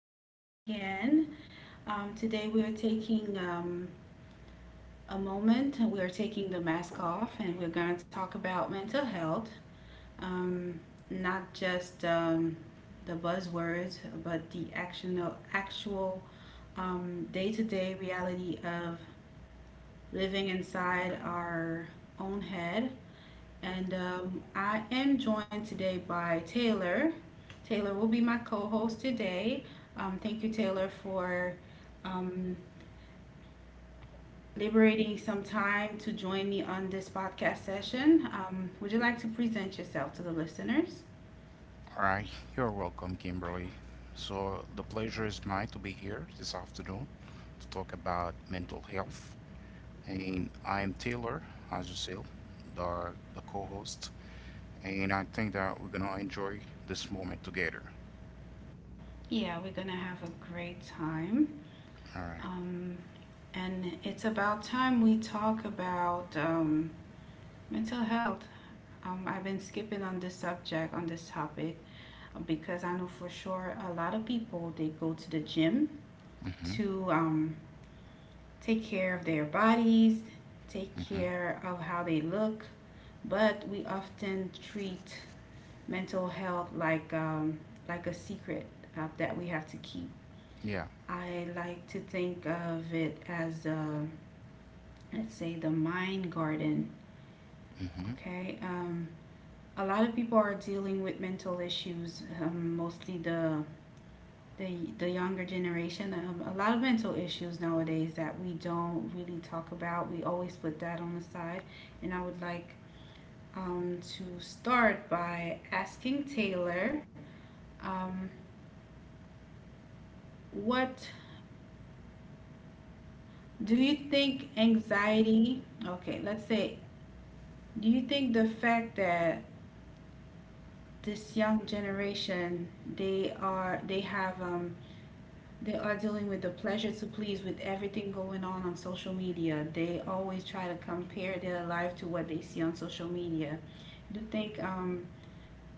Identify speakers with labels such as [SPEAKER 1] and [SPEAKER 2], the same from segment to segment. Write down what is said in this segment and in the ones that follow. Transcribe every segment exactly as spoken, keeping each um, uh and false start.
[SPEAKER 1] session again. Um, today we are taking um, a moment. We are taking the mask off, and we're going to talk about mental health. Um, not just um, the buzzwords, but the actual, actual um, day-to-day reality of living inside our own head. And um, I am joined today by Taylor. Taylor will be my co host today. Um, thank you, Taylor, for um, liberating some time to join me on this podcast session. Um, would you like to present yourself to the listeners?
[SPEAKER 2] Alright, you're welcome, Kimberly. So, the pleasure is mine to be here this afternoon to talk about mental health. And I am Taylor, as you see, the, the co host. And I think that we're gonna enjoy this moment together.
[SPEAKER 1] Yeah, we're going to have a great time.
[SPEAKER 2] Alright.
[SPEAKER 1] Um, and it's about time we talk about um, mental health. Um, I've been skipping on this subject, on this topic, because I know for sure a lot of people they go to the gym
[SPEAKER 2] Mm-hmm.
[SPEAKER 1] to um, take care of their bodies, take
[SPEAKER 2] Mm-hmm.
[SPEAKER 1] care of how they look, but we often treat mental health like um, like a secret uh, that we have to keep.
[SPEAKER 2] Yeah.
[SPEAKER 1] I like to think of it as uh, let's say, the mind garden.
[SPEAKER 2] Mm-hmm.
[SPEAKER 1] Okay, um, a lot of people are dealing with mental issues, um, mostly the the the younger generation. Um, a lot of mental issues nowadays that we don't really talk about. We always put that on the side, and I would like um, to start by asking Taylor, um, what do you think? Anxiety, okay, let's say, do you think the fact that this young generation they are they have um, They are dealing with the pleasure to please with everything going on on social media. They always try to compare their life to what they see on social media. I Do you think, um,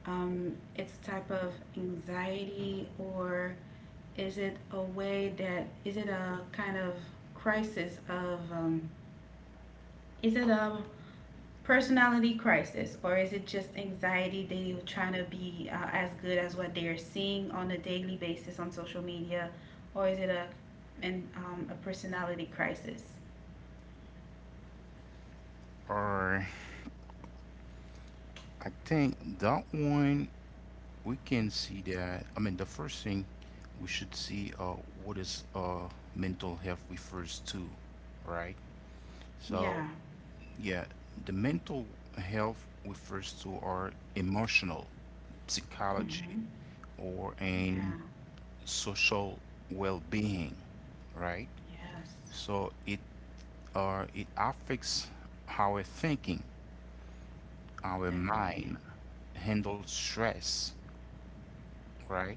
[SPEAKER 1] um, it's a type of anxiety, or is it a way, that is it a kind of crisis of, um, is it a personality crisis, or is it just anxiety they are trying to be uh, as good as what they're seeing on a daily basis on social media, or is it a and um, a personality crisis?
[SPEAKER 2] Alright. I think that one we can see that. I mean, the first thing we should see, uh, what is uh, mental health refers to, right? So,
[SPEAKER 1] Yeah.
[SPEAKER 2] yeah, the mental health refers to our emotional, psychology,
[SPEAKER 1] Hmm.
[SPEAKER 2] or an
[SPEAKER 1] Yeah.
[SPEAKER 2] social well-being, right?
[SPEAKER 1] Yes,
[SPEAKER 2] So it uh, it affects our thinking, our mind
[SPEAKER 1] definitely.
[SPEAKER 2] handles stress, right?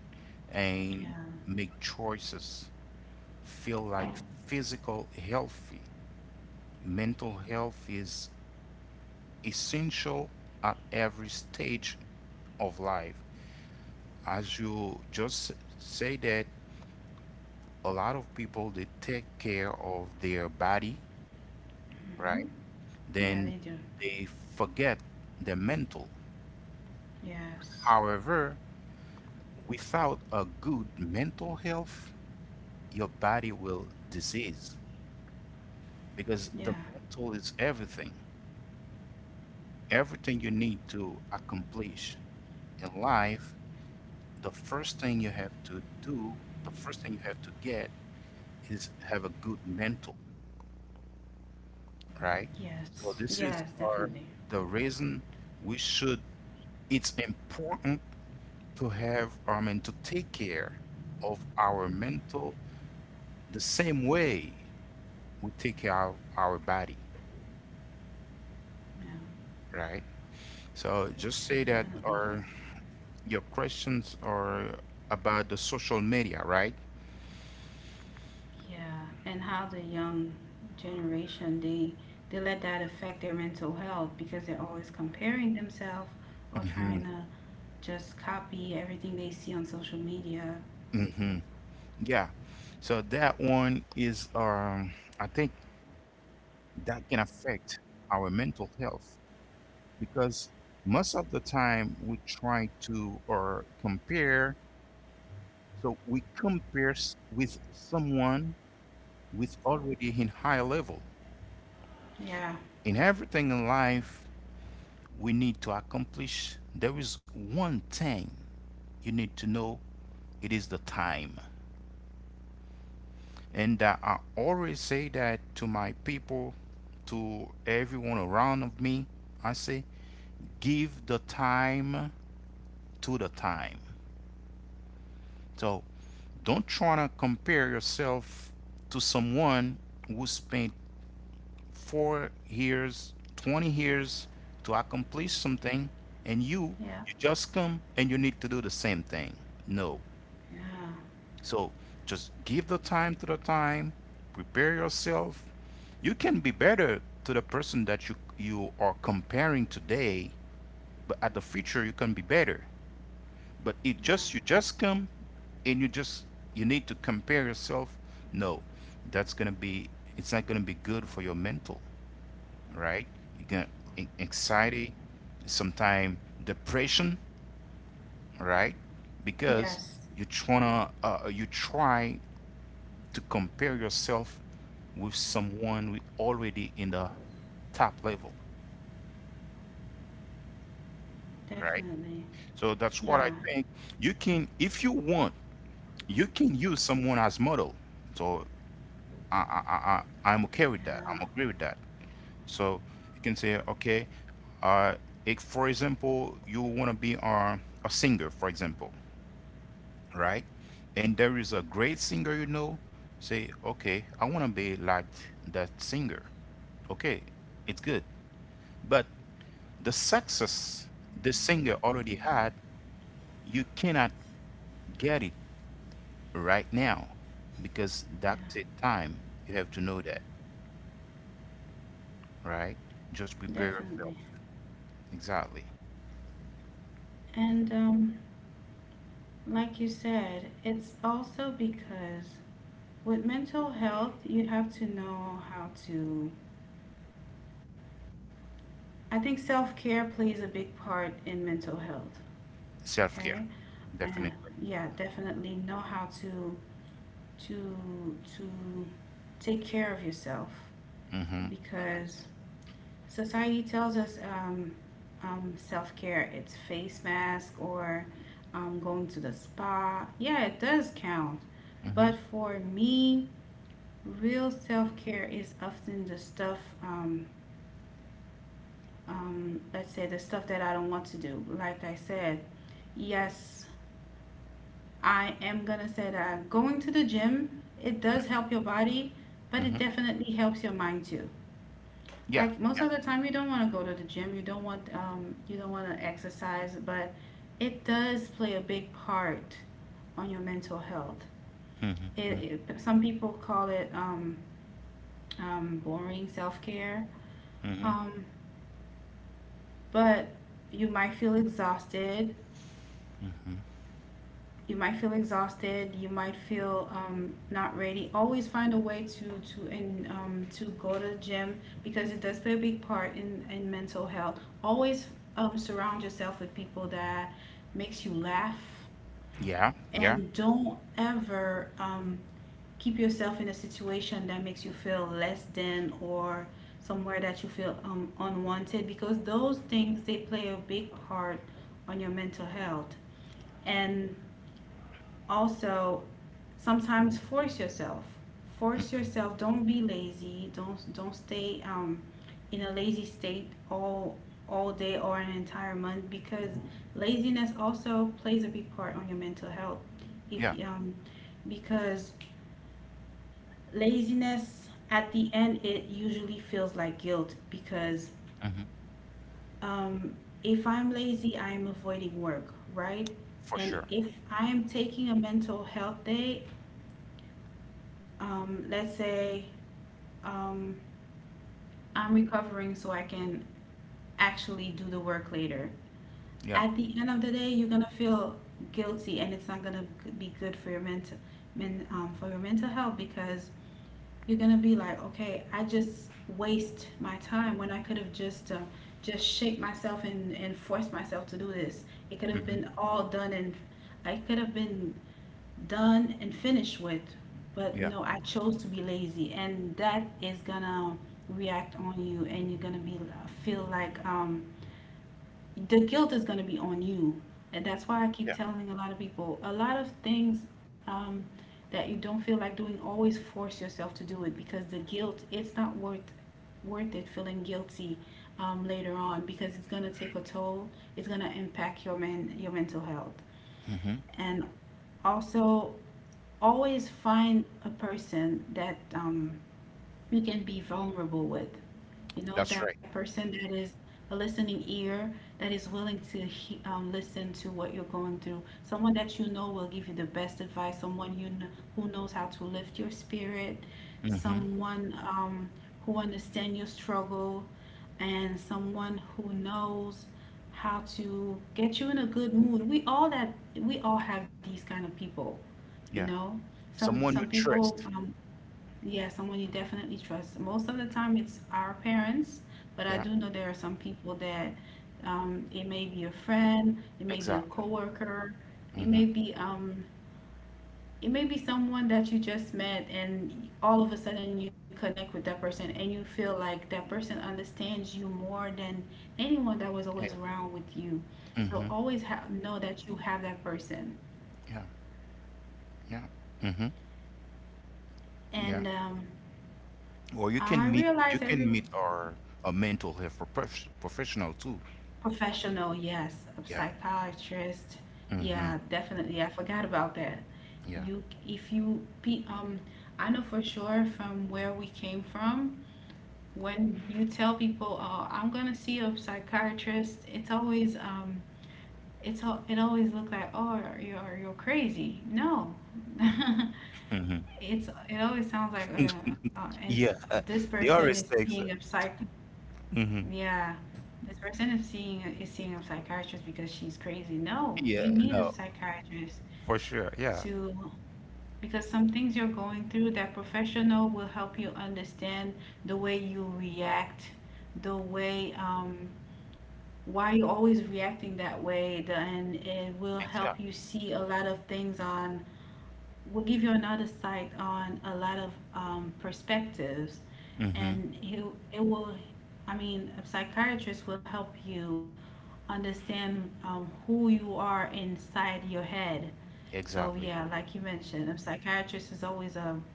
[SPEAKER 2] And
[SPEAKER 1] Yeah.
[SPEAKER 2] make choices, feel like physical healthy. Mental health is essential at every stage of life, as you just say that, a lot of people, they take care of their body, right?
[SPEAKER 1] Hmm. Yeah,
[SPEAKER 2] Then
[SPEAKER 1] they do.
[SPEAKER 2] they forget the mental.
[SPEAKER 1] Yes.
[SPEAKER 2] However, without a good mental health, your body will disease, because the
[SPEAKER 1] Yeah.
[SPEAKER 2] mental is everything. Everything you need to accomplish in life, the first thing you have to do, the first thing you have to get is have a good mental, right? So
[SPEAKER 1] Yes.
[SPEAKER 2] this is
[SPEAKER 1] Yes,
[SPEAKER 2] our
[SPEAKER 1] definitely.
[SPEAKER 2] the reason we should. It's important to have, I mean, to take care of our mental the same way we take care of our body,
[SPEAKER 1] Yeah.
[SPEAKER 2] right? So just
[SPEAKER 1] Yeah,
[SPEAKER 2] say that
[SPEAKER 1] definitely.
[SPEAKER 2] our your questions are about the social media, right?
[SPEAKER 1] Yeah, and how the young generation they they let that affect their mental health, because they're always comparing themselves, or trying
[SPEAKER 2] Mm-hmm.
[SPEAKER 1] to just copy everything they see on social media.
[SPEAKER 2] Mm-hmm. Yeah. So that one is, um, I think that can affect our mental health, because most of the time we try to or compare, so we compare s- with someone with already in high level.
[SPEAKER 1] Yeah,
[SPEAKER 2] In everything in life we need to accomplish there is one thing you need to know, it is the time. And uh, I always say that to my people, to everyone around of me I say, give the time to the time. So don't try to compare yourself to someone who spent four years, twenty years to accomplish something, and you,
[SPEAKER 1] yeah,
[SPEAKER 2] you just come and you need to do the same thing. No.
[SPEAKER 1] yeah,
[SPEAKER 2] So just give the time to the time, prepare yourself. You can be better to the person that you, you are comparing today, but at the future, you can be better. But it
[SPEAKER 1] yeah.
[SPEAKER 2] just you just come and you just you need to compare yourself. No, that's gonna be it's not gonna be good for your mental, right? You gonna e, anxiety, sometime depression, right? Because
[SPEAKER 1] Yes,
[SPEAKER 2] you tryna uh, uh, you try to compare yourself with someone who already in the top level, right?
[SPEAKER 1] definitely.
[SPEAKER 2] So that's what
[SPEAKER 1] Yeah,
[SPEAKER 2] I think. You can, if you want, you can use someone as model. So I, I, I, I'm okay with that.
[SPEAKER 1] yeah,
[SPEAKER 2] I'm agree with that. So you can say, okay, uh, if for example you want to be uh, a singer, for example, right? And there is a great singer you know. Say, okay, I want to be like that singer. Okay, it's good. But the success the singer already had, you cannot get it right now because
[SPEAKER 1] yeah,
[SPEAKER 2] that take time. You have to know that, right? Just prepare yourself.
[SPEAKER 1] definitely.
[SPEAKER 2] Exactly.
[SPEAKER 1] And um, Like you said, it's also because with mental health, you have to know how to... I think self care plays a big part in mental health.
[SPEAKER 2] Self care.
[SPEAKER 1] Okay, uh,
[SPEAKER 2] Definitely.
[SPEAKER 1] yeah, definitely know how to to to take care of yourself,
[SPEAKER 2] Mm-hmm.
[SPEAKER 1] because society tells us um, um, self care it's face mask or um, going to the spa. Yeah, it does count,
[SPEAKER 2] Mm-hmm.
[SPEAKER 1] but for me, real self care is often the stuff. Um, um, let's say the stuff that I don't want to do. Like I said, yes, I am gonna say that going to the gym, it does help your body, but it
[SPEAKER 2] Mm-hmm.
[SPEAKER 1] definitely helps your mind too.
[SPEAKER 2] Yeah.
[SPEAKER 1] Like most
[SPEAKER 2] Yeah.
[SPEAKER 1] of the time, you don't want to go to the gym, you don't want um, you don't want to exercise, but it does play a big part on your mental health. It,
[SPEAKER 2] Mm-hmm.
[SPEAKER 1] it some people call it, um, um, boring self-care,
[SPEAKER 2] Mm-hmm.
[SPEAKER 1] um, but you might feel exhausted,
[SPEAKER 2] Hmm.
[SPEAKER 1] you might feel exhausted, you might feel um, not ready. Always find a way to to and um, to go to the gym, because it does play a big part in in mental health. Always um, surround yourself with people that makes you laugh,
[SPEAKER 2] Yeah. Yeah.
[SPEAKER 1] and don't ever um, keep yourself in a situation that makes you feel less than, or somewhere that you feel um, unwanted, because those things they play a big part on your mental health. And also, sometimes force yourself force
[SPEAKER 2] Hmm.
[SPEAKER 1] yourself, don't be lazy, don't don't stay um in a lazy state, all all day or an entire month, because laziness also plays a big part on your mental health. If
[SPEAKER 2] Yeah.
[SPEAKER 1] you, um Because laziness at the end it usually feels like guilt, because
[SPEAKER 2] Mm-hmm.
[SPEAKER 1] um if I'm lazy I'm avoiding work, right?
[SPEAKER 2] For
[SPEAKER 1] And
[SPEAKER 2] sure.
[SPEAKER 1] if I am taking a mental health day, um, let's say, um, I'm recovering so I can actually do the work later.
[SPEAKER 2] Yeah.
[SPEAKER 1] At the end of the day, you're gonna feel guilty, and it's not gonna g- be good for your mental, men, um, for your mental health, because you're gonna be like, okay, I just waste my time when I could have just uh, just shaped myself and and forced myself to do this. It could have
[SPEAKER 2] Mm-hmm.
[SPEAKER 1] been all done, and I could have been done and finished with. But
[SPEAKER 2] Yeah.
[SPEAKER 1] no, I chose to be lazy, and that is gonna react on you, and you're gonna be uh, feel like, um, the guilt is gonna be on you, and that's why I keep
[SPEAKER 2] Yeah.
[SPEAKER 1] telling a lot of people a lot of things, um, that you don't feel like doing. Always force yourself to do it, because the guilt it's not worth worth it feeling guilty um, later on, because it's gonna take a toll. It's gonna impact your men your mental health,
[SPEAKER 2] Mm-hmm.
[SPEAKER 1] and also always find a person that, um, you can be vulnerable with. You know,
[SPEAKER 2] That's
[SPEAKER 1] that
[SPEAKER 2] right.
[SPEAKER 1] person that is a listening ear, that is willing to he, um, listen to what you're going through, someone that you know will give you the best advice, someone you kn- who knows how to lift your spirit,
[SPEAKER 2] Mm-hmm.
[SPEAKER 1] someone, um, who understands your struggle, and someone who knows how to get you in a good mood. We all that we all have these kind of people, you
[SPEAKER 2] Yeah.
[SPEAKER 1] know? some
[SPEAKER 2] Someone
[SPEAKER 1] some
[SPEAKER 2] you
[SPEAKER 1] people,
[SPEAKER 2] trust.
[SPEAKER 1] um, yeah, someone you definitely trust. Most of the time, it's our parents, but I
[SPEAKER 2] Yeah.
[SPEAKER 1] do know there are some people that, um, it may be a friend, it may be a
[SPEAKER 2] Exactly.
[SPEAKER 1] coworker, it
[SPEAKER 2] Mm-hmm.
[SPEAKER 1] may be um, it may be someone that you just met, and all of a sudden you connect with that person, and you feel like that person understands you more than anyone that was always
[SPEAKER 2] Yeah.
[SPEAKER 1] around with you. So
[SPEAKER 2] Mm-hmm.
[SPEAKER 1] always ha know that you have that person.
[SPEAKER 2] Yeah. Yeah. Mm-hmm. Yeah.
[SPEAKER 1] And um,
[SPEAKER 2] Or you
[SPEAKER 1] I
[SPEAKER 2] can meet you
[SPEAKER 1] realize every
[SPEAKER 2] can meet our a mental health prof- professional too.
[SPEAKER 1] Professional, yes, a
[SPEAKER 2] Yeah.
[SPEAKER 1] psychiatrist.
[SPEAKER 2] Mm-hmm.
[SPEAKER 1] Yeah, definitely. I forgot about that.
[SPEAKER 2] Yeah.
[SPEAKER 1] You, if you, pe- um, I know for sure, from where we came from, when you tell people, "Oh, I'm gonna see a psychiatrist," it's always, um, it's al- it always look like, "Oh, you're you're crazy." No,
[SPEAKER 2] Mm-hmm.
[SPEAKER 1] it's it always sounds like, uh, uh, and
[SPEAKER 2] Yeah, uh,
[SPEAKER 1] this
[SPEAKER 2] they
[SPEAKER 1] person is
[SPEAKER 2] always
[SPEAKER 1] seeing a
[SPEAKER 2] takes.
[SPEAKER 1] psych
[SPEAKER 2] Hmm.
[SPEAKER 1] yeah, this person is seeing is seeing a psychiatrist because she's crazy. No, you
[SPEAKER 2] Yeah,
[SPEAKER 1] need a
[SPEAKER 2] no,
[SPEAKER 1] psychiatrist
[SPEAKER 2] for sure. Yeah.
[SPEAKER 1] to, because some things you're going through, that professional will help you understand the way you react, the way, um why you're always reacting that way, the, and it will
[SPEAKER 2] Exactly.
[SPEAKER 1] help you see a lot of things, on will give you another sight on a lot of um, perspectives,
[SPEAKER 2] Mm-hmm.
[SPEAKER 1] and it it will. I mean, a psychiatrist will help you understand, um, who you are inside your head. So
[SPEAKER 2] Exactly.
[SPEAKER 1] yeah, like you mentioned, a psychiatrist is always a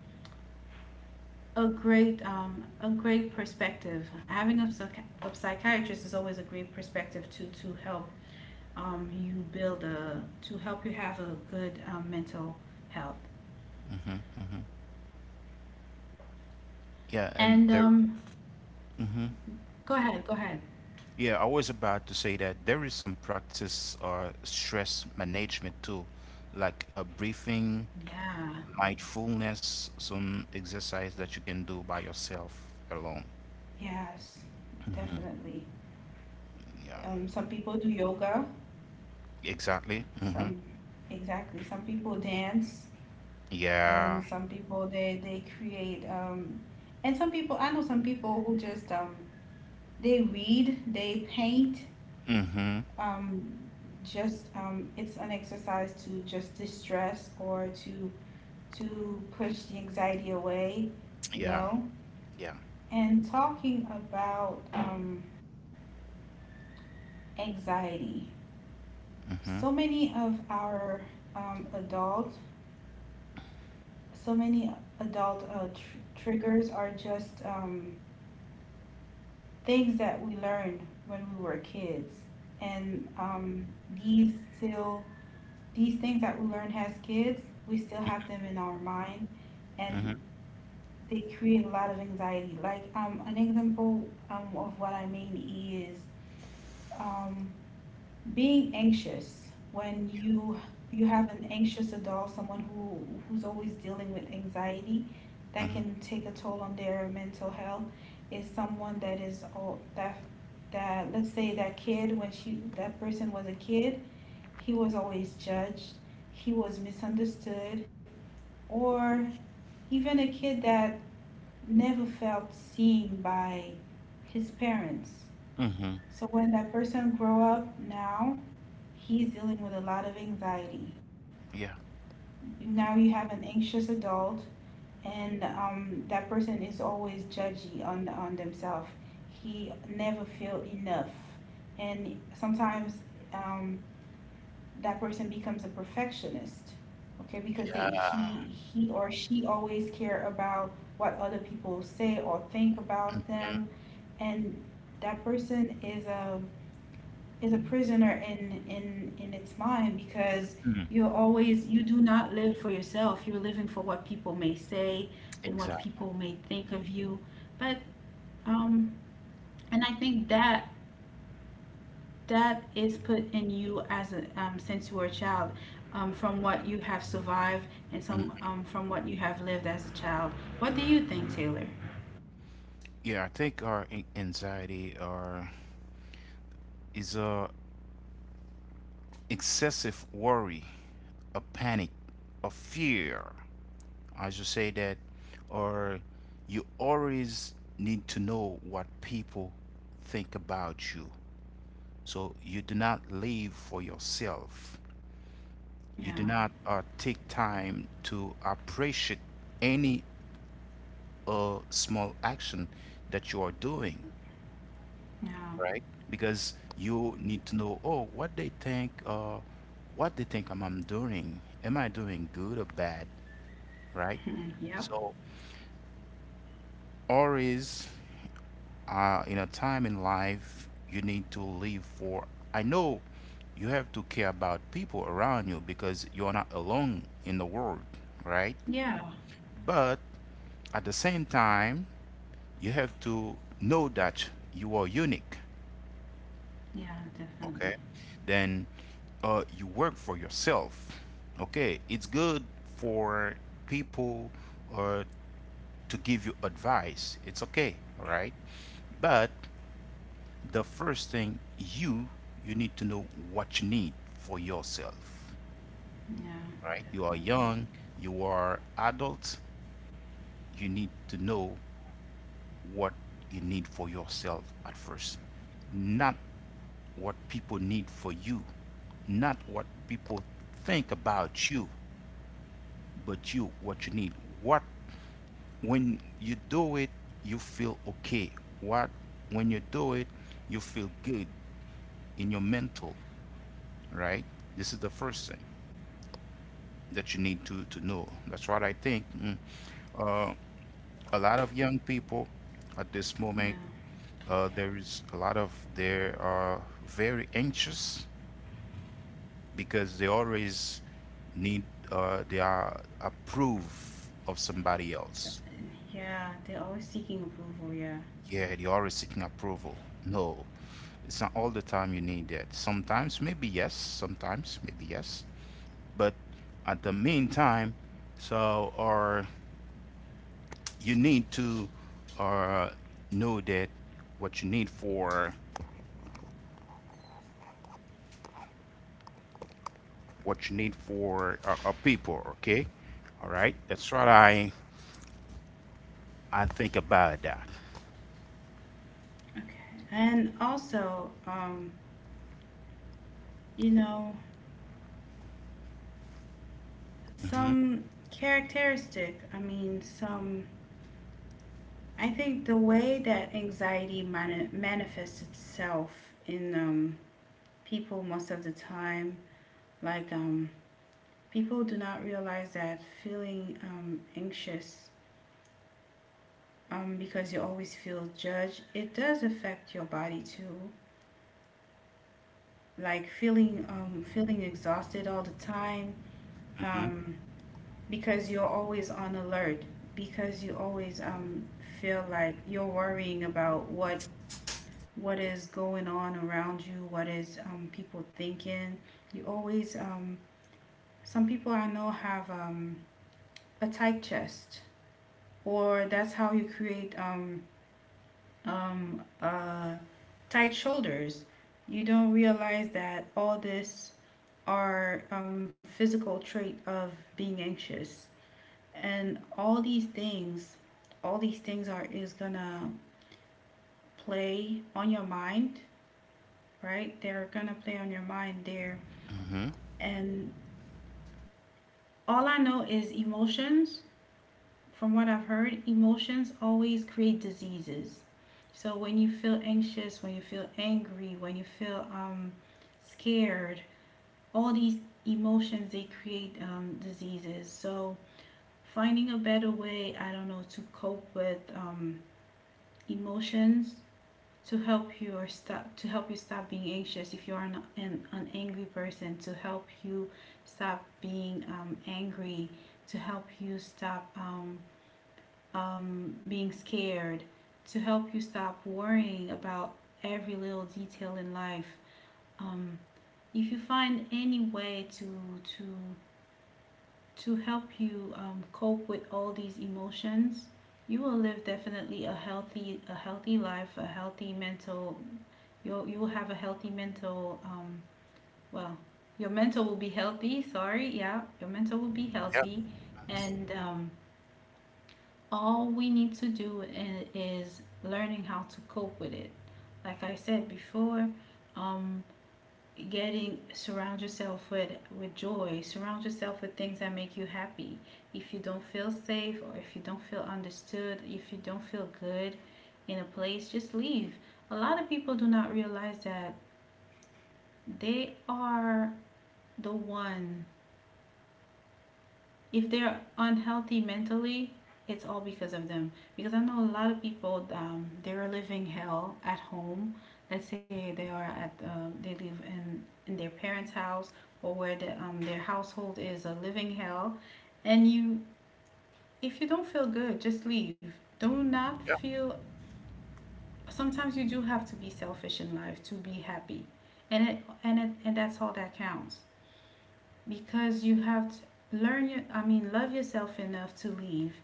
[SPEAKER 1] a great um, a great perspective. Having a, psych- a psychiatrist is always a great perspective to to help, um, you build a to help you have a good, um, mental health.
[SPEAKER 2] Mm-hmm. Mm-hmm. Yeah, and there.
[SPEAKER 1] And um,
[SPEAKER 2] Mm-hmm.
[SPEAKER 1] Go ahead, go ahead.
[SPEAKER 2] Yeah, I was about to say that there is some practice or stress management too, like a breathing,
[SPEAKER 1] Yeah,
[SPEAKER 2] mindfulness, some exercise that you can do by yourself alone.
[SPEAKER 1] yes,
[SPEAKER 2] Mm-hmm.
[SPEAKER 1] definitely.
[SPEAKER 2] Yeah,
[SPEAKER 1] Um, some people do yoga.
[SPEAKER 2] exactly. Mm-hmm.
[SPEAKER 1] Some Exactly. Some people dance.
[SPEAKER 2] Yeah.
[SPEAKER 1] And some people they they create um and some people, I know some people who just, um they read, they paint.
[SPEAKER 2] Mm-hmm.
[SPEAKER 1] um just um it's an exercise to just distress, or to to push the anxiety away, you
[SPEAKER 2] Yeah.
[SPEAKER 1] know?
[SPEAKER 2] Yeah.
[SPEAKER 1] And talking about, um anxiety. So
[SPEAKER 2] Mm-hmm.
[SPEAKER 1] many of our um adult so many adult uh, tr- triggers are just um things that we learned when we were kids, and um, these still these things that we learned as kids we still have them in our mind,
[SPEAKER 2] Mm-hmm.
[SPEAKER 1] and they create a lot of anxiety. Like, um, an example, um, of what I mean is, um, being anxious when, you you have an anxious adult, someone who who's always dealing with anxiety that
[SPEAKER 2] Mm-hmm.
[SPEAKER 1] can take a toll on their mental health, is someone that is all that that, let's say, that kid, when she that person was a kid, he was always judged, he was misunderstood, or even a kid that never felt seen by his parents,
[SPEAKER 2] Mm-hmm.
[SPEAKER 1] so when that person grow up now, he's dealing with a lot of anxiety.
[SPEAKER 2] Yeah.
[SPEAKER 1] Now you have an anxious adult, and, um, that person is always judgy on on themselves. He never feels enough, and sometimes, um, that person becomes a perfectionist. Okay, because they he
[SPEAKER 2] Yeah.
[SPEAKER 1] he or she always care about what other people say or think about
[SPEAKER 2] Mhm.
[SPEAKER 1] them, and that person is a is a prisoner in in in its mind because
[SPEAKER 2] Mm.
[SPEAKER 1] you always you do not live for yourself, you're living for what people may say and what
[SPEAKER 2] Exactly.
[SPEAKER 1] people may think of you. But um and I think that that is put in you as a um, since you were a child, um, from what you have survived, and some,
[SPEAKER 2] Mm.
[SPEAKER 1] um, from what you have lived as a child. What do you think, Taylor?
[SPEAKER 2] Yeah, I think our an- anxiety or is a excessive worry, a panic, a fear. I should say that, or you always need to know what people think about you. So you do not live for yourself. You do
[SPEAKER 1] Yeah.
[SPEAKER 2] not uh, take time to appreciate any uh, small action that you are doing.
[SPEAKER 1] Yeah.
[SPEAKER 2] Right? Because you need to know, oh, what they think, uh what they think I'm, I'm doing. Am I doing good or bad, right?
[SPEAKER 1] Yep.
[SPEAKER 2] So always, uh in a time in life, you need to live for, I know, you have to care about people around you because you're not alone in the world, right?
[SPEAKER 1] yeah
[SPEAKER 2] But at the same time you have to know that you are unique.
[SPEAKER 1] yeah Definitely.
[SPEAKER 2] Okay, then, uh, you work for yourself. Okay, it's good for people, uh, to give you advice, it's okay, all right. But the first thing you you need to know what you need for yourself,
[SPEAKER 1] Yeah.
[SPEAKER 2] right? You are
[SPEAKER 1] Definitely.
[SPEAKER 2] young, you are adult. You need to know what you need for yourself at first, not what people need for you, not what people think about you, but you, what you need. What, when you do it, you feel okay. What, when you do it, you feel good in your mental, right? This is the first thing that you need to, to know. That's what I think. mm, A lot of young people at this
[SPEAKER 1] Yeah.
[SPEAKER 2] moment, uh, there is a lot of, they are very anxious because they always need uh, they are approve of somebody else.
[SPEAKER 1] Yeah, they're always seeking approval, yeah.
[SPEAKER 2] Yeah, they're always seeking approval. No, it's not all the time you need that. Sometimes maybe yes, sometimes maybe yes, but at the meantime, so or you need to, uh, know that what you need for what you need for uh, uh, people. Okay, all right, that's what I I think about that.
[SPEAKER 1] Okay. And also, um, you know, some characteristic, I mean, some I think the way that anxiety mani- manifests itself in um people most of the time, like, um people do not realize that feeling um anxious, um because you always feel judged, it does affect your body too. Like feeling, um feeling exhausted all the time, um, because you're always on alert, because you always, um, feel like you're worrying about what what is going on around you, what is, um, people thinking. You always, um, some people I know have, um, a tight chest, or that's how you create, um, um, uh, tight shoulders. You don't realize that all this are, um, physical trait of being anxious. And all these things all these things are is gonna play on your mind. Right, they're gonna play on your mind there. And all I know is emotions. From what I've heard, emotions always create diseases. So when you feel anxious, when you feel angry, when you feel, um, scared, all these emotions, they create, um, diseases. So, finding a better way, I don't know, to cope with, um, emotions, to help you or stop to help you stop being anxious. If you are an, an, an angry person, to help you stop being, um, angry, to help you stop, um, um, being scared, to help you stop worrying about every little detail in life, um, if you find any way to to to help you, um, cope with all these emotions, you will live, definitely, a healthy a healthy life a healthy mental You'll you will have a healthy mental, um well, your mental will be healthy, sorry, yeah. Your mental will be
[SPEAKER 2] Yeah,
[SPEAKER 1] healthy, and um all we need to do i- is learning how to cope with it. Like I said before, um getting, surround yourself with with joy. Surround yourself with things that make you happy. If you don't feel safe, or if you don't feel understood, if you don't feel good in a place, just leave. A lot of people do not realize that they are the one. If they're unhealthy mentally, it's all because of them, because I know a lot of people, um, they are living hell at home. Let's say they are at, um, they live in in their parents house, or where the, um, their household is a living hell. And you, if you don't feel good, just leave, do not
[SPEAKER 2] yeah.
[SPEAKER 1] feel. Sometimes you do have to be selfish in life to be happy, and it and it and that's all that counts, because you have to learn your, I mean, love yourself enough to leave,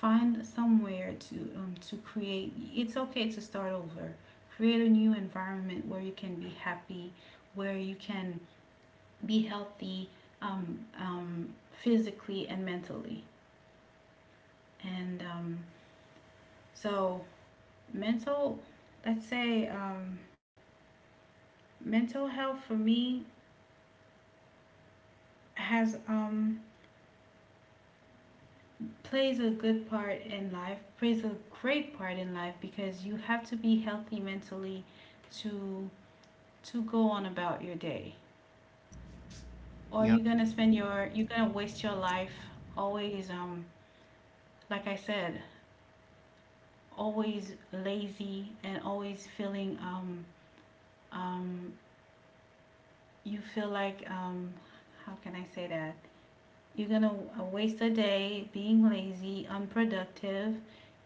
[SPEAKER 1] find somewhere to, um, to create, it's okay to start over, create a new environment where you can be happy, where you can be healthy, um, um, physically and mentally, and, um, so mental, let's say, um, mental health for me has, um, plays a good part in life, plays a great part in life, because you have to be healthy mentally to to go on about your day. Or
[SPEAKER 2] Yeah.
[SPEAKER 1] you're gonna spend your you're gonna waste your life, always, um like I said, always lazy and always feeling, um um you feel like, um how can I say that? You're gonna, uh, waste a day being lazy, unproductive.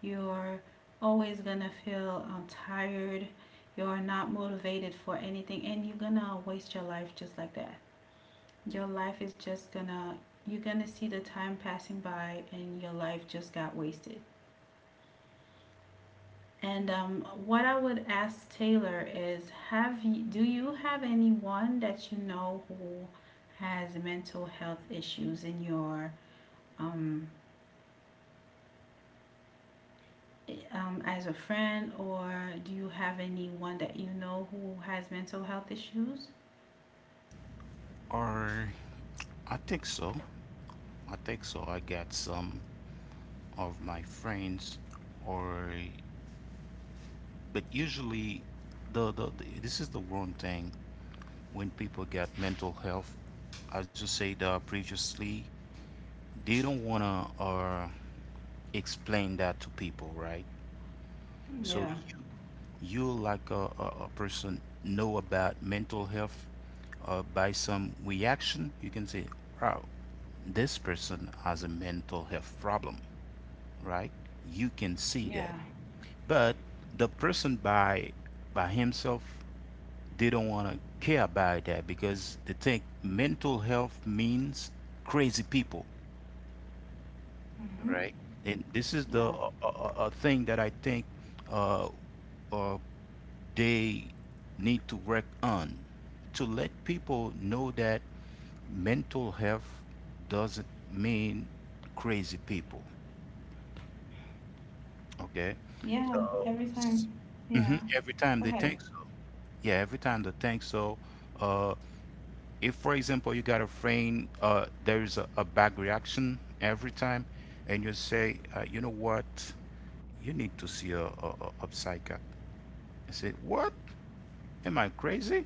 [SPEAKER 1] You're always gonna feel, um, tired. You're not motivated for anything, and you're gonna waste your life just like that. Your life is just gonna, you're gonna see the time passing by, and your life just got wasted. And, um, what I would ask Taylor is, have you, do you have anyone that you know who has mental health issues in your, um, um, as a friend, or do you have anyone that you know who has mental health issues?
[SPEAKER 2] Or I think so. I think so. I got some of my friends, or but usually, the, the, the this is the one thing when people get mental health. As you said, uh, previously, they don't wanna, uh, explain that to people, right? So
[SPEAKER 1] Yeah.
[SPEAKER 2] you you like a, a, a person know about mental health, uh, by some reaction, you can say, wow, this person has a mental health problem, right? You can see
[SPEAKER 1] Yeah.
[SPEAKER 2] that. But the person by by himself, they don't want to care about that because they think mental health means crazy people,
[SPEAKER 1] Mm-hmm.
[SPEAKER 2] right? And this is the
[SPEAKER 1] Yeah.
[SPEAKER 2] uh, uh, uh, uh, thing that I think, uh, uh, they need to work on, to let people know that mental health doesn't mean crazy people. Okay,
[SPEAKER 1] Yeah.
[SPEAKER 2] so
[SPEAKER 1] Every
[SPEAKER 2] s-
[SPEAKER 1] time. Yeah.
[SPEAKER 2] mhm, every time
[SPEAKER 1] Go
[SPEAKER 2] they
[SPEAKER 1] ahead.
[SPEAKER 2] think so, yeah, every time they think so. Uh, if, for example, you got a friend, uh, there is a, a bad reaction every time, and you say, uh, you know what, you need to see a, a, a a psychiatrist. I said, what? Am I crazy?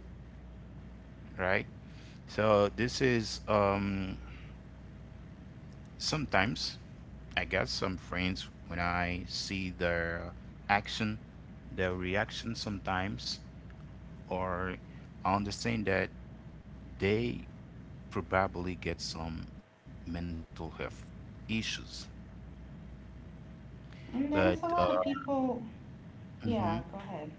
[SPEAKER 2] Right? So this is um sometimes I got some friends when I see their action, their reaction sometimes, or I understand that they probably get some mental health issues.
[SPEAKER 1] And
[SPEAKER 2] But
[SPEAKER 1] there's a
[SPEAKER 2] uh,
[SPEAKER 1] lot of people. Yeah.
[SPEAKER 2] hmm,
[SPEAKER 1] Go ahead.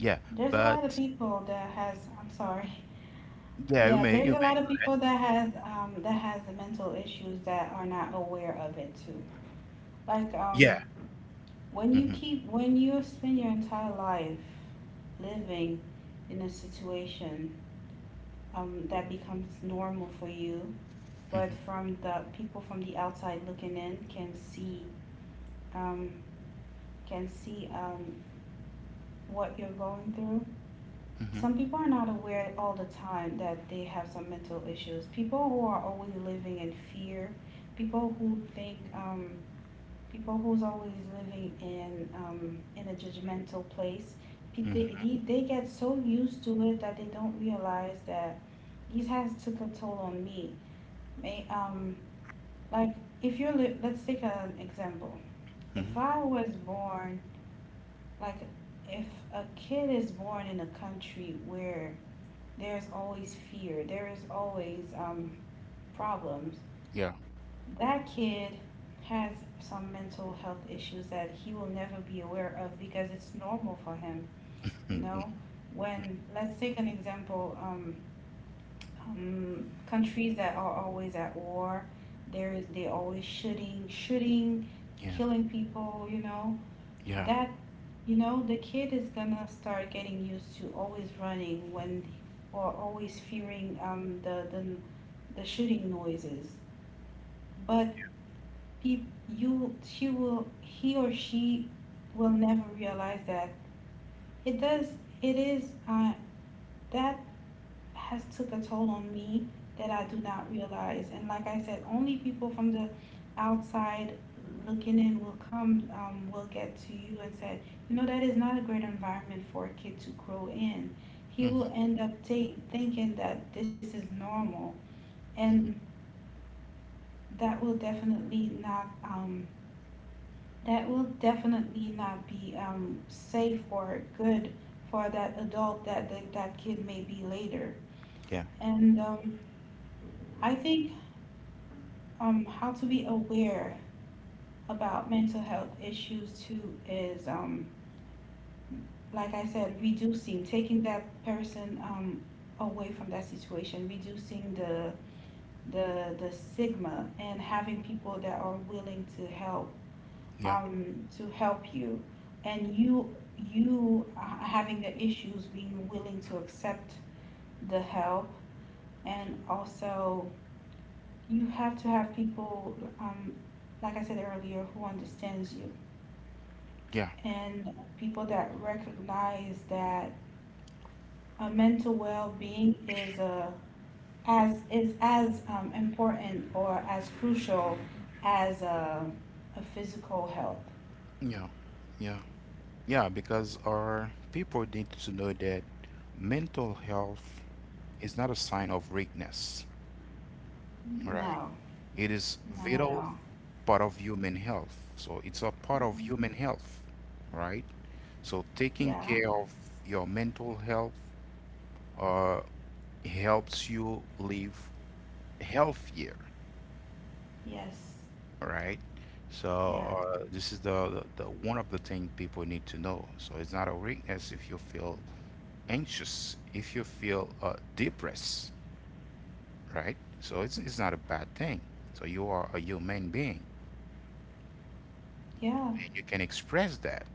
[SPEAKER 2] yeah,
[SPEAKER 1] There's a lot of
[SPEAKER 2] but
[SPEAKER 1] people that has. I'm sorry.
[SPEAKER 2] yeah, you
[SPEAKER 1] Yeah.
[SPEAKER 2] may, you
[SPEAKER 1] There's a lot of
[SPEAKER 2] may,
[SPEAKER 1] people that has, um that has the mental issues that are not aware of it too. Like, um
[SPEAKER 2] yeah,
[SPEAKER 1] when you
[SPEAKER 2] Hmm.
[SPEAKER 1] keep when you spend your entire life living in a situation, um, that becomes normal for you, but
[SPEAKER 2] Hmm.
[SPEAKER 1] from the people from the outside looking in can see, um, can see um, what you're going through.
[SPEAKER 2] Hmm.
[SPEAKER 1] Some people are not aware all the time that they have some mental issues. People who are always living in fear, people who think, um, people who's always living in, um, in a judgmental place, pe- they,
[SPEAKER 2] Hmm.
[SPEAKER 1] they, they get so used to it that they don't realize that these has took a toll on me. May, um, like, if you're li- let's take an example.
[SPEAKER 2] Hmm.
[SPEAKER 1] If i was born like if a kid is born in a country where there's always fear, there is always, um, problems,
[SPEAKER 2] Yeah.
[SPEAKER 1] that kid has some mental health issues that he will never be aware of because it's normal for him, you know. When, let's take an example, um, um, countries that are always at war, there is, they always shooting shooting
[SPEAKER 2] Yeah,
[SPEAKER 1] killing people, you know.
[SPEAKER 2] yeah,
[SPEAKER 1] That, you know, the kid is gonna start getting used to always running when, or always fearing, um, the, the the shooting noises. But he, you, she will, he or she will never realize that it does. It is, uh, that has took a toll on me that I do not realize. And like I said, only people from the outside looking in will come, um, will get to you and say, you know, that is not a great environment for a kid to grow in. He
[SPEAKER 2] Hmm.
[SPEAKER 1] will end up ta- thinking that this is normal, and
[SPEAKER 2] Hmm.
[SPEAKER 1] that will definitely not, um, that will definitely not be, um, safe or good for that adult that that, that kid may be later.
[SPEAKER 2] Yeah,
[SPEAKER 1] And, um, I think, um, how to be aware about mental health issues too is, um, like I said, reducing, taking that person, um, away from that situation, reducing the the the stigma, and having people that are willing to help,
[SPEAKER 2] yeah,
[SPEAKER 1] um, to help you, and you you having the issues, being willing to accept the help. And also, you have to have people, um, like I said earlier, who understands you,
[SPEAKER 2] yeah,
[SPEAKER 1] and people that recognize that, uh, mental well-being is a as is as um, important or as crucial as a, a physical health.
[SPEAKER 2] yeah. Yeah. Yeah, because our people need to know that mental health is not a sign of weakness, right?
[SPEAKER 1] No,
[SPEAKER 2] It is
[SPEAKER 1] not at
[SPEAKER 2] vital
[SPEAKER 1] all.
[SPEAKER 2] part of human health. So it's a part of human health, right? So taking
[SPEAKER 1] Yeah.
[SPEAKER 2] care of your mental health, uh, helps you live healthier,
[SPEAKER 1] Yes.
[SPEAKER 2] right? So
[SPEAKER 1] Yeah.
[SPEAKER 2] uh, this is the, the, the one of the things people need to know. So it's not a weakness if you feel anxious, if you feel, uh, depressed, right? So it's, it's not a bad thing. So you are a human being
[SPEAKER 1] Yeah.
[SPEAKER 2] and you can express that.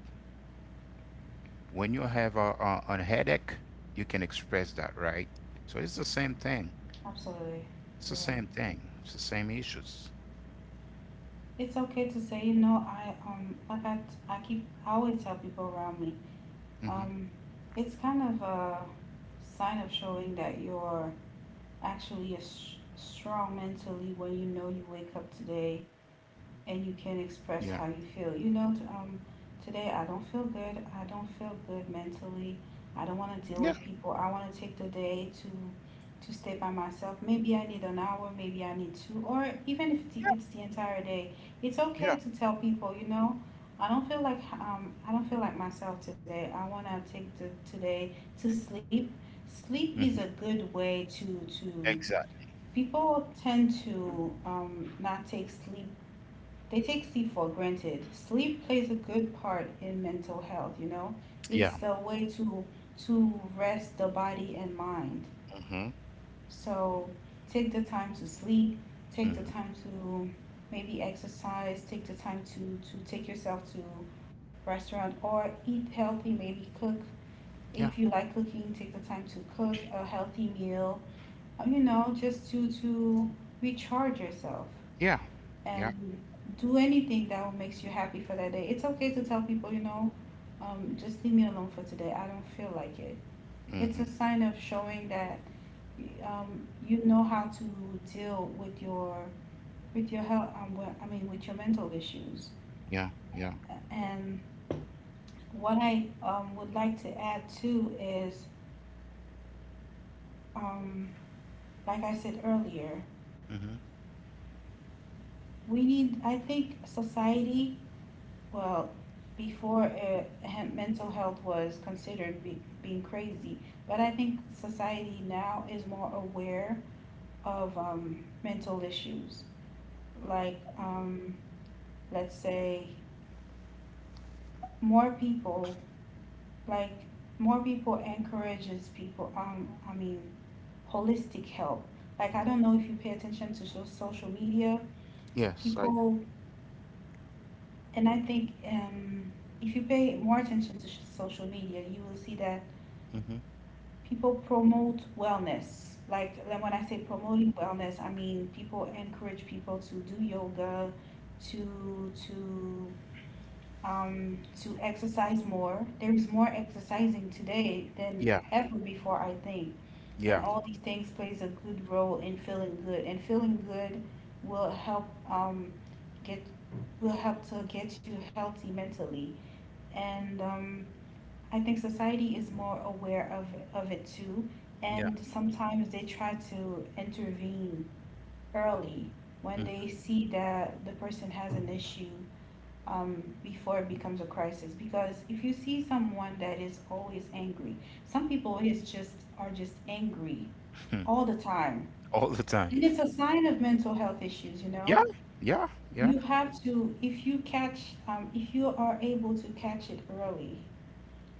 [SPEAKER 2] When you have a, a, a headache, you can express that, right? So it's the same thing.
[SPEAKER 1] Absolutely.
[SPEAKER 2] It's the
[SPEAKER 1] Yeah.
[SPEAKER 2] same thing. It's the same issues.
[SPEAKER 1] It's okay to say, you know, I um like I, I keep, I always tell people around me,
[SPEAKER 2] Hmm.
[SPEAKER 1] um, it's kind of a sign of showing that you're actually a s strong mentally when, you know, you wake up today
[SPEAKER 2] Yeah.
[SPEAKER 1] and you can express how you feel. You know, um, today I don't feel good. I don't feel good mentally. I don't
[SPEAKER 2] Yeah.
[SPEAKER 1] want to deal with people. I want to take the day to to stay by myself. Maybe I need an hour. Maybe I need two, or even if
[SPEAKER 2] Yeah.
[SPEAKER 1] it's the, it's the entire day, it's
[SPEAKER 2] Yeah.
[SPEAKER 1] okay to tell people. You know, I don't feel like, um I don't feel like myself today. I want to take the today to sleep. Sleep
[SPEAKER 2] Hmm.
[SPEAKER 1] is a good way to to
[SPEAKER 2] Exactly.
[SPEAKER 1] people tend to, um, not take sleep, they take sleep for granted. Sleep plays a good part in mental health, you know.
[SPEAKER 2] Yeah.
[SPEAKER 1] It's a way to to rest the body and mind.
[SPEAKER 2] Hmm.
[SPEAKER 1] So take the time to sleep, take
[SPEAKER 2] Hmm.
[SPEAKER 1] the time to maybe exercise, take the time to to take yourself to restaurant or eat healthy, maybe cook.
[SPEAKER 2] Yeah.
[SPEAKER 1] If you like cooking, take the time to cook a healthy meal. uh, You know, just to to recharge yourself,
[SPEAKER 2] Yeah. Yeah.
[SPEAKER 1] and do anything that will makes you happy for that day. It's okay to tell people, you know, um, just leave me alone for today. I don't feel like it. It's a
[SPEAKER 2] Hmm.
[SPEAKER 1] sign of showing that, um, you know how to deal with your with your health. Um, well, I mean, with your mental issues.
[SPEAKER 2] Yeah. Yeah.
[SPEAKER 1] And what I, um, would like to add too is, um, like I said earlier,
[SPEAKER 2] Hmm.
[SPEAKER 1] we need. I think society. Well, before, uh, he- mental health was considered be- being crazy, but I think society now is more aware of, um, mental issues. Like, um, let's say, more people, like, more people encourages people. Um, I mean, holistic help. Like, I don't know if you pay attention to so- social media,
[SPEAKER 2] Yes. I.
[SPEAKER 1] people, and I think, um, if you pay more attention to sh- social media, you will see that
[SPEAKER 2] Hmm.
[SPEAKER 1] people promote wellness. Like then when I say promoting wellness, I mean people encourage people to do yoga, to to um, to exercise more. There's more exercising today than
[SPEAKER 2] Yeah.
[SPEAKER 1] ever before, I think. And
[SPEAKER 2] Yeah.
[SPEAKER 1] all these things plays a good role in feeling good. And feeling good will help um, get will help to get you healthy mentally. And um, I think society is more aware of of it too,
[SPEAKER 2] Yeah.
[SPEAKER 1] and sometimes they try to intervene early when
[SPEAKER 2] Mm.
[SPEAKER 1] they see that the person has an issue, um, before it becomes a crisis. Because if you see someone that is always angry, some people is just are just angry all the time,
[SPEAKER 2] all the time.
[SPEAKER 1] and it's a sign of mental health issues. You know,
[SPEAKER 2] Yeah, yeah, yeah,
[SPEAKER 1] you have to if you catch um, if you are able to catch it early,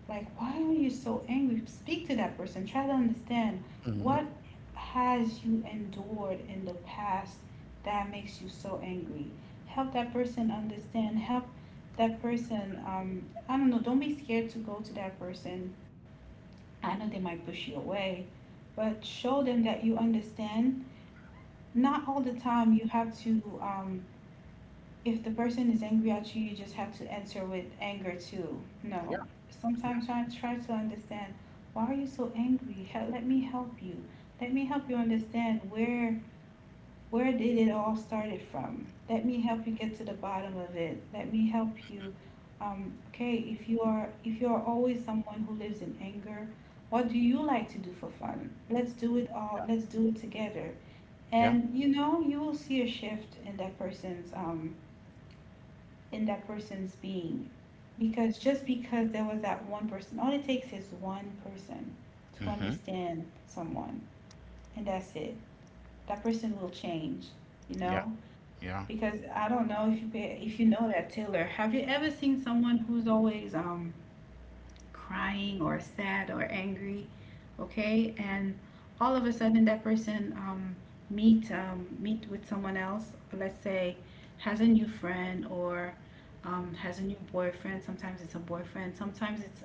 [SPEAKER 1] like, why are you so angry? Speak to that person. Try to understand
[SPEAKER 2] Hmm.
[SPEAKER 1] what has you endured in the past that makes you so angry. Help that person understand. Help that person. Um, I don't know. Don't be scared to go to that person. I know they might push you away, but show them that you understand. Not all the time you have to, um, if the person is angry at you, you just have to answer with anger too. No.
[SPEAKER 2] Yeah, yeah,
[SPEAKER 1] Sometimes I try to understand, why are you so angry? Hel- Let me help you. Let me help you understand where where did it all started from. Let me help you get to the bottom of it. Let me help you. Um, okay, if you are if you are always someone who lives in anger, what do you like to do for fun? Let's do it all. Let's do it together.
[SPEAKER 2] yeah,
[SPEAKER 1] And you know, you will see a shift in that person's um, in that person's being. Because just because there was that one person, all it takes is one person to
[SPEAKER 2] Hmm.
[SPEAKER 1] understand someone, and that's it. That person will change, you
[SPEAKER 2] Yeah,
[SPEAKER 1] know?
[SPEAKER 2] yeah,
[SPEAKER 1] Because I don't know if you if you know that, Taylor, have you ever seen someone who's always um crying or sad or angry, okay? And all of a sudden that person um, meet um, meet with someone else, let's say has a new friend or, um, has a new boyfriend. Sometimes it's a boyfriend, sometimes it's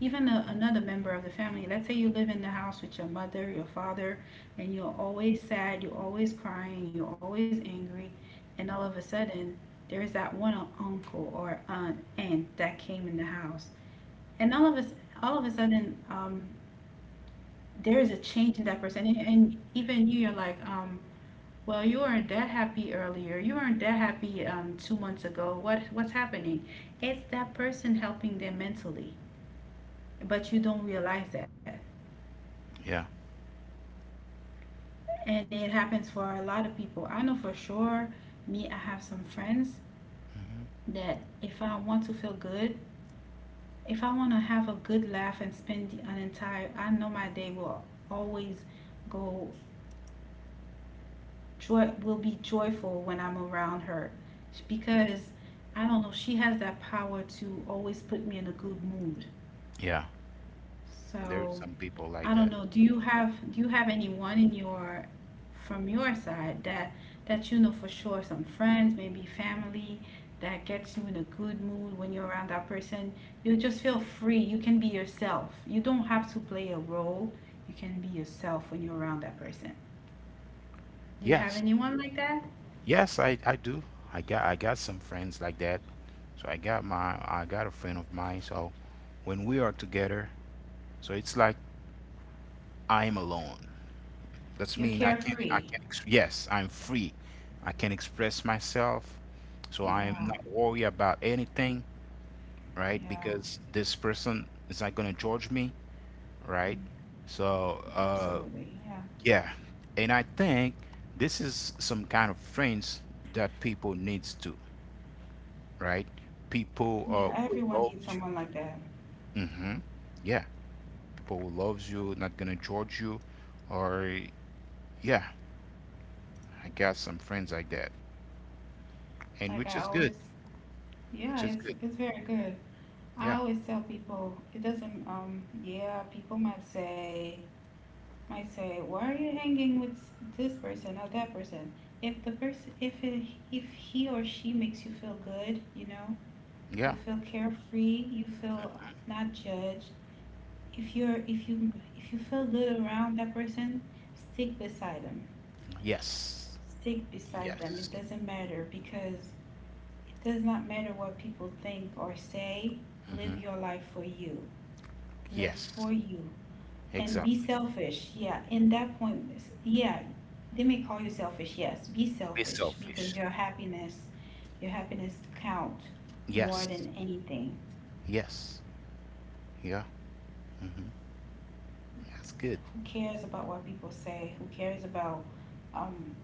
[SPEAKER 1] even a, another member of the family. Let's say you live in the house with your mother, your father, and you're always sad, you're always crying, you're always angry, and all of a sudden there's that one uncle or aunt, aunt that came in the house and all of us, all of a sudden, um, there is a change in that person. And, and even you, you're like, um, well, you weren't that happy earlier. You weren't that happy um, two months ago. What what's happening? It's that person helping them mentally, but you don't realize that.
[SPEAKER 2] yeah,
[SPEAKER 1] And it happens for a lot of people. I know for sure. Me, I have some friends
[SPEAKER 2] Hmm.
[SPEAKER 1] that if I want to feel good, if I want to have a good laugh and spend an entire, I know my day will always go, joy will be joyful when I'm around her, because I don't know, she has that power to always put me in a good mood.
[SPEAKER 2] Yeah. There's
[SPEAKER 1] So,
[SPEAKER 2] some people like
[SPEAKER 1] I don't
[SPEAKER 2] that.
[SPEAKER 1] know, do you have do you have anyone in your, from your side that that you know for sure, some friends, maybe family that gets you in a good mood when you're around that person? You just feel free. You can be yourself. You don't have to play a role. You can be yourself when you're around that person. Do you have
[SPEAKER 2] Yes,
[SPEAKER 1] anyone like that?
[SPEAKER 2] yes, I, I do. I got I got some friends like that. So I got my I got a friend of mine. So when we are together, so it's like I'm alone. That's
[SPEAKER 1] You're
[SPEAKER 2] mean I can I
[SPEAKER 1] carefree.
[SPEAKER 2] can ex- yes, I'm free. I can express myself. So I am
[SPEAKER 1] Yeah,
[SPEAKER 2] not worried about anything. Right?
[SPEAKER 1] yeah,
[SPEAKER 2] Because this person is not gonna judge me, right?
[SPEAKER 1] mm,
[SPEAKER 2] So, uh,
[SPEAKER 1] absolutely. Yeah,
[SPEAKER 2] yeah, and I think this is some kind of friends that people needs to, right? People,
[SPEAKER 1] yeah.
[SPEAKER 2] uh, will
[SPEAKER 1] Everyone
[SPEAKER 2] love
[SPEAKER 1] needs
[SPEAKER 2] you.
[SPEAKER 1] someone like that.
[SPEAKER 2] Hmm. Yeah, people will love you, not gonna judge you, or yeah, I got some friends like that, and
[SPEAKER 1] Like
[SPEAKER 2] which
[SPEAKER 1] I
[SPEAKER 2] is good,
[SPEAKER 1] always,
[SPEAKER 2] which
[SPEAKER 1] yeah,
[SPEAKER 2] is
[SPEAKER 1] it's
[SPEAKER 2] good.
[SPEAKER 1] it's very good.
[SPEAKER 2] Yeah,
[SPEAKER 1] I always tell people it doesn't. Um, yeah, people might say might say, why are you hanging with this person or that person? If the person, if it, if he or she makes you feel good, you know, you
[SPEAKER 2] yeah,
[SPEAKER 1] feel carefree, you feel not judged. If you're if you if you feel good around that person, stick beside them
[SPEAKER 2] yes,
[SPEAKER 1] stick beside them.
[SPEAKER 2] yes,
[SPEAKER 1] It doesn't matter, because it does not matter what people think or say. Live
[SPEAKER 2] Hmm.
[SPEAKER 1] your life for you. Live
[SPEAKER 2] Yes,
[SPEAKER 1] for you. And be
[SPEAKER 2] exactly.
[SPEAKER 1] selfish. Yeah, in that point, yeah, they may call you selfish. Yes, be
[SPEAKER 2] Be
[SPEAKER 1] selfish, because
[SPEAKER 2] selfish.
[SPEAKER 1] your happiness, your happiness count more
[SPEAKER 2] Yes.
[SPEAKER 1] than anything.
[SPEAKER 2] Yes. Yeah. Hmm. That's good.
[SPEAKER 1] Who cares about what people say? Who cares about, um,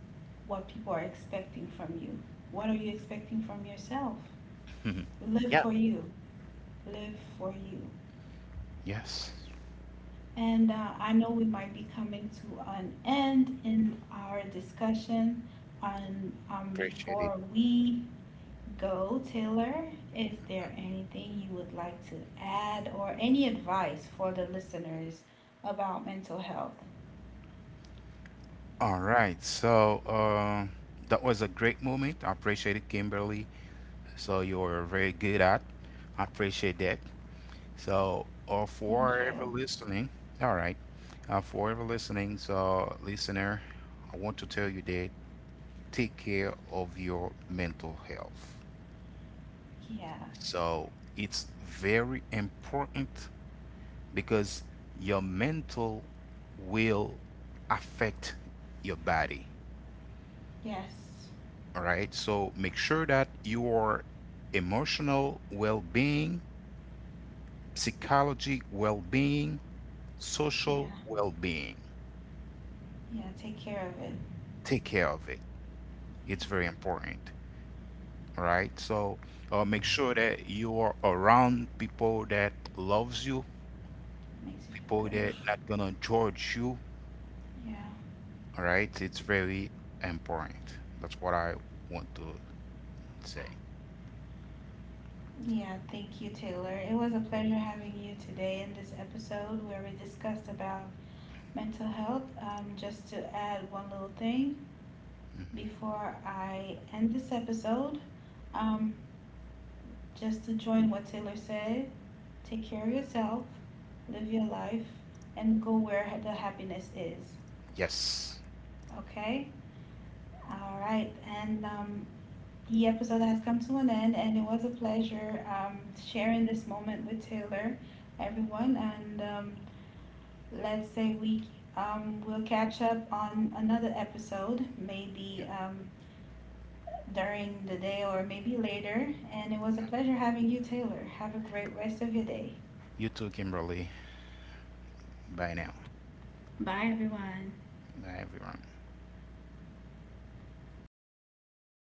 [SPEAKER 1] what people are expecting from you? What are you expecting from yourself? Live
[SPEAKER 2] Yeah.
[SPEAKER 1] for you, live for you.
[SPEAKER 2] Yes.
[SPEAKER 1] And uh, I know we might be coming to an end in our discussion. And um,
[SPEAKER 2] Appreciate it.
[SPEAKER 1] before we go, Taylor, is there anything you would like to add or any advice for the listeners about mental health?
[SPEAKER 2] All right. So, uh, that was a great moment. I appreciate it, Kimberly. So you're very good at. I appreciate that. So, uh, for
[SPEAKER 1] Thank
[SPEAKER 2] ever
[SPEAKER 1] you.
[SPEAKER 2] listening, all right. Uh, for ever listening, so listener, I want to tell you that take care of your mental health.
[SPEAKER 1] Yeah.
[SPEAKER 2] So it's very important because your mental will affect your body.
[SPEAKER 1] Yes.
[SPEAKER 2] All right. So make sure that your emotional well being, psychology well being, social
[SPEAKER 1] Yeah.
[SPEAKER 2] well being,
[SPEAKER 1] Yeah. Take care of it.
[SPEAKER 2] take care of it. It's
[SPEAKER 1] Yeah.
[SPEAKER 2] very important. All right. So, uh, make sure that you are around people that loves you,
[SPEAKER 1] Makes you
[SPEAKER 2] people
[SPEAKER 1] feel good.
[SPEAKER 2] that not gonna judge you.
[SPEAKER 1] Yeah.
[SPEAKER 2] All right. It's very important. That's what I want to say.
[SPEAKER 1] Yeah, thank you, Taylor. It was a pleasure having you today in this episode where we discussed about mental health. Um, just to add one little thing before I end this episode, um, just to join what Taylor said, take care of yourself, live your life, and go where ha- the happiness is.
[SPEAKER 2] Yes.
[SPEAKER 1] Okay? All right. And um, the episode has come to an end, and it was a pleasure um, sharing this moment with Taylor, everyone, and um, let's say we um, we'll catch up on another episode, maybe, um, during the day or maybe later. And it was a pleasure having you, Taylor. Have a great rest of your day.
[SPEAKER 2] You too, Kimberly. Bye now.
[SPEAKER 1] Bye, everyone.
[SPEAKER 2] Bye, everyone.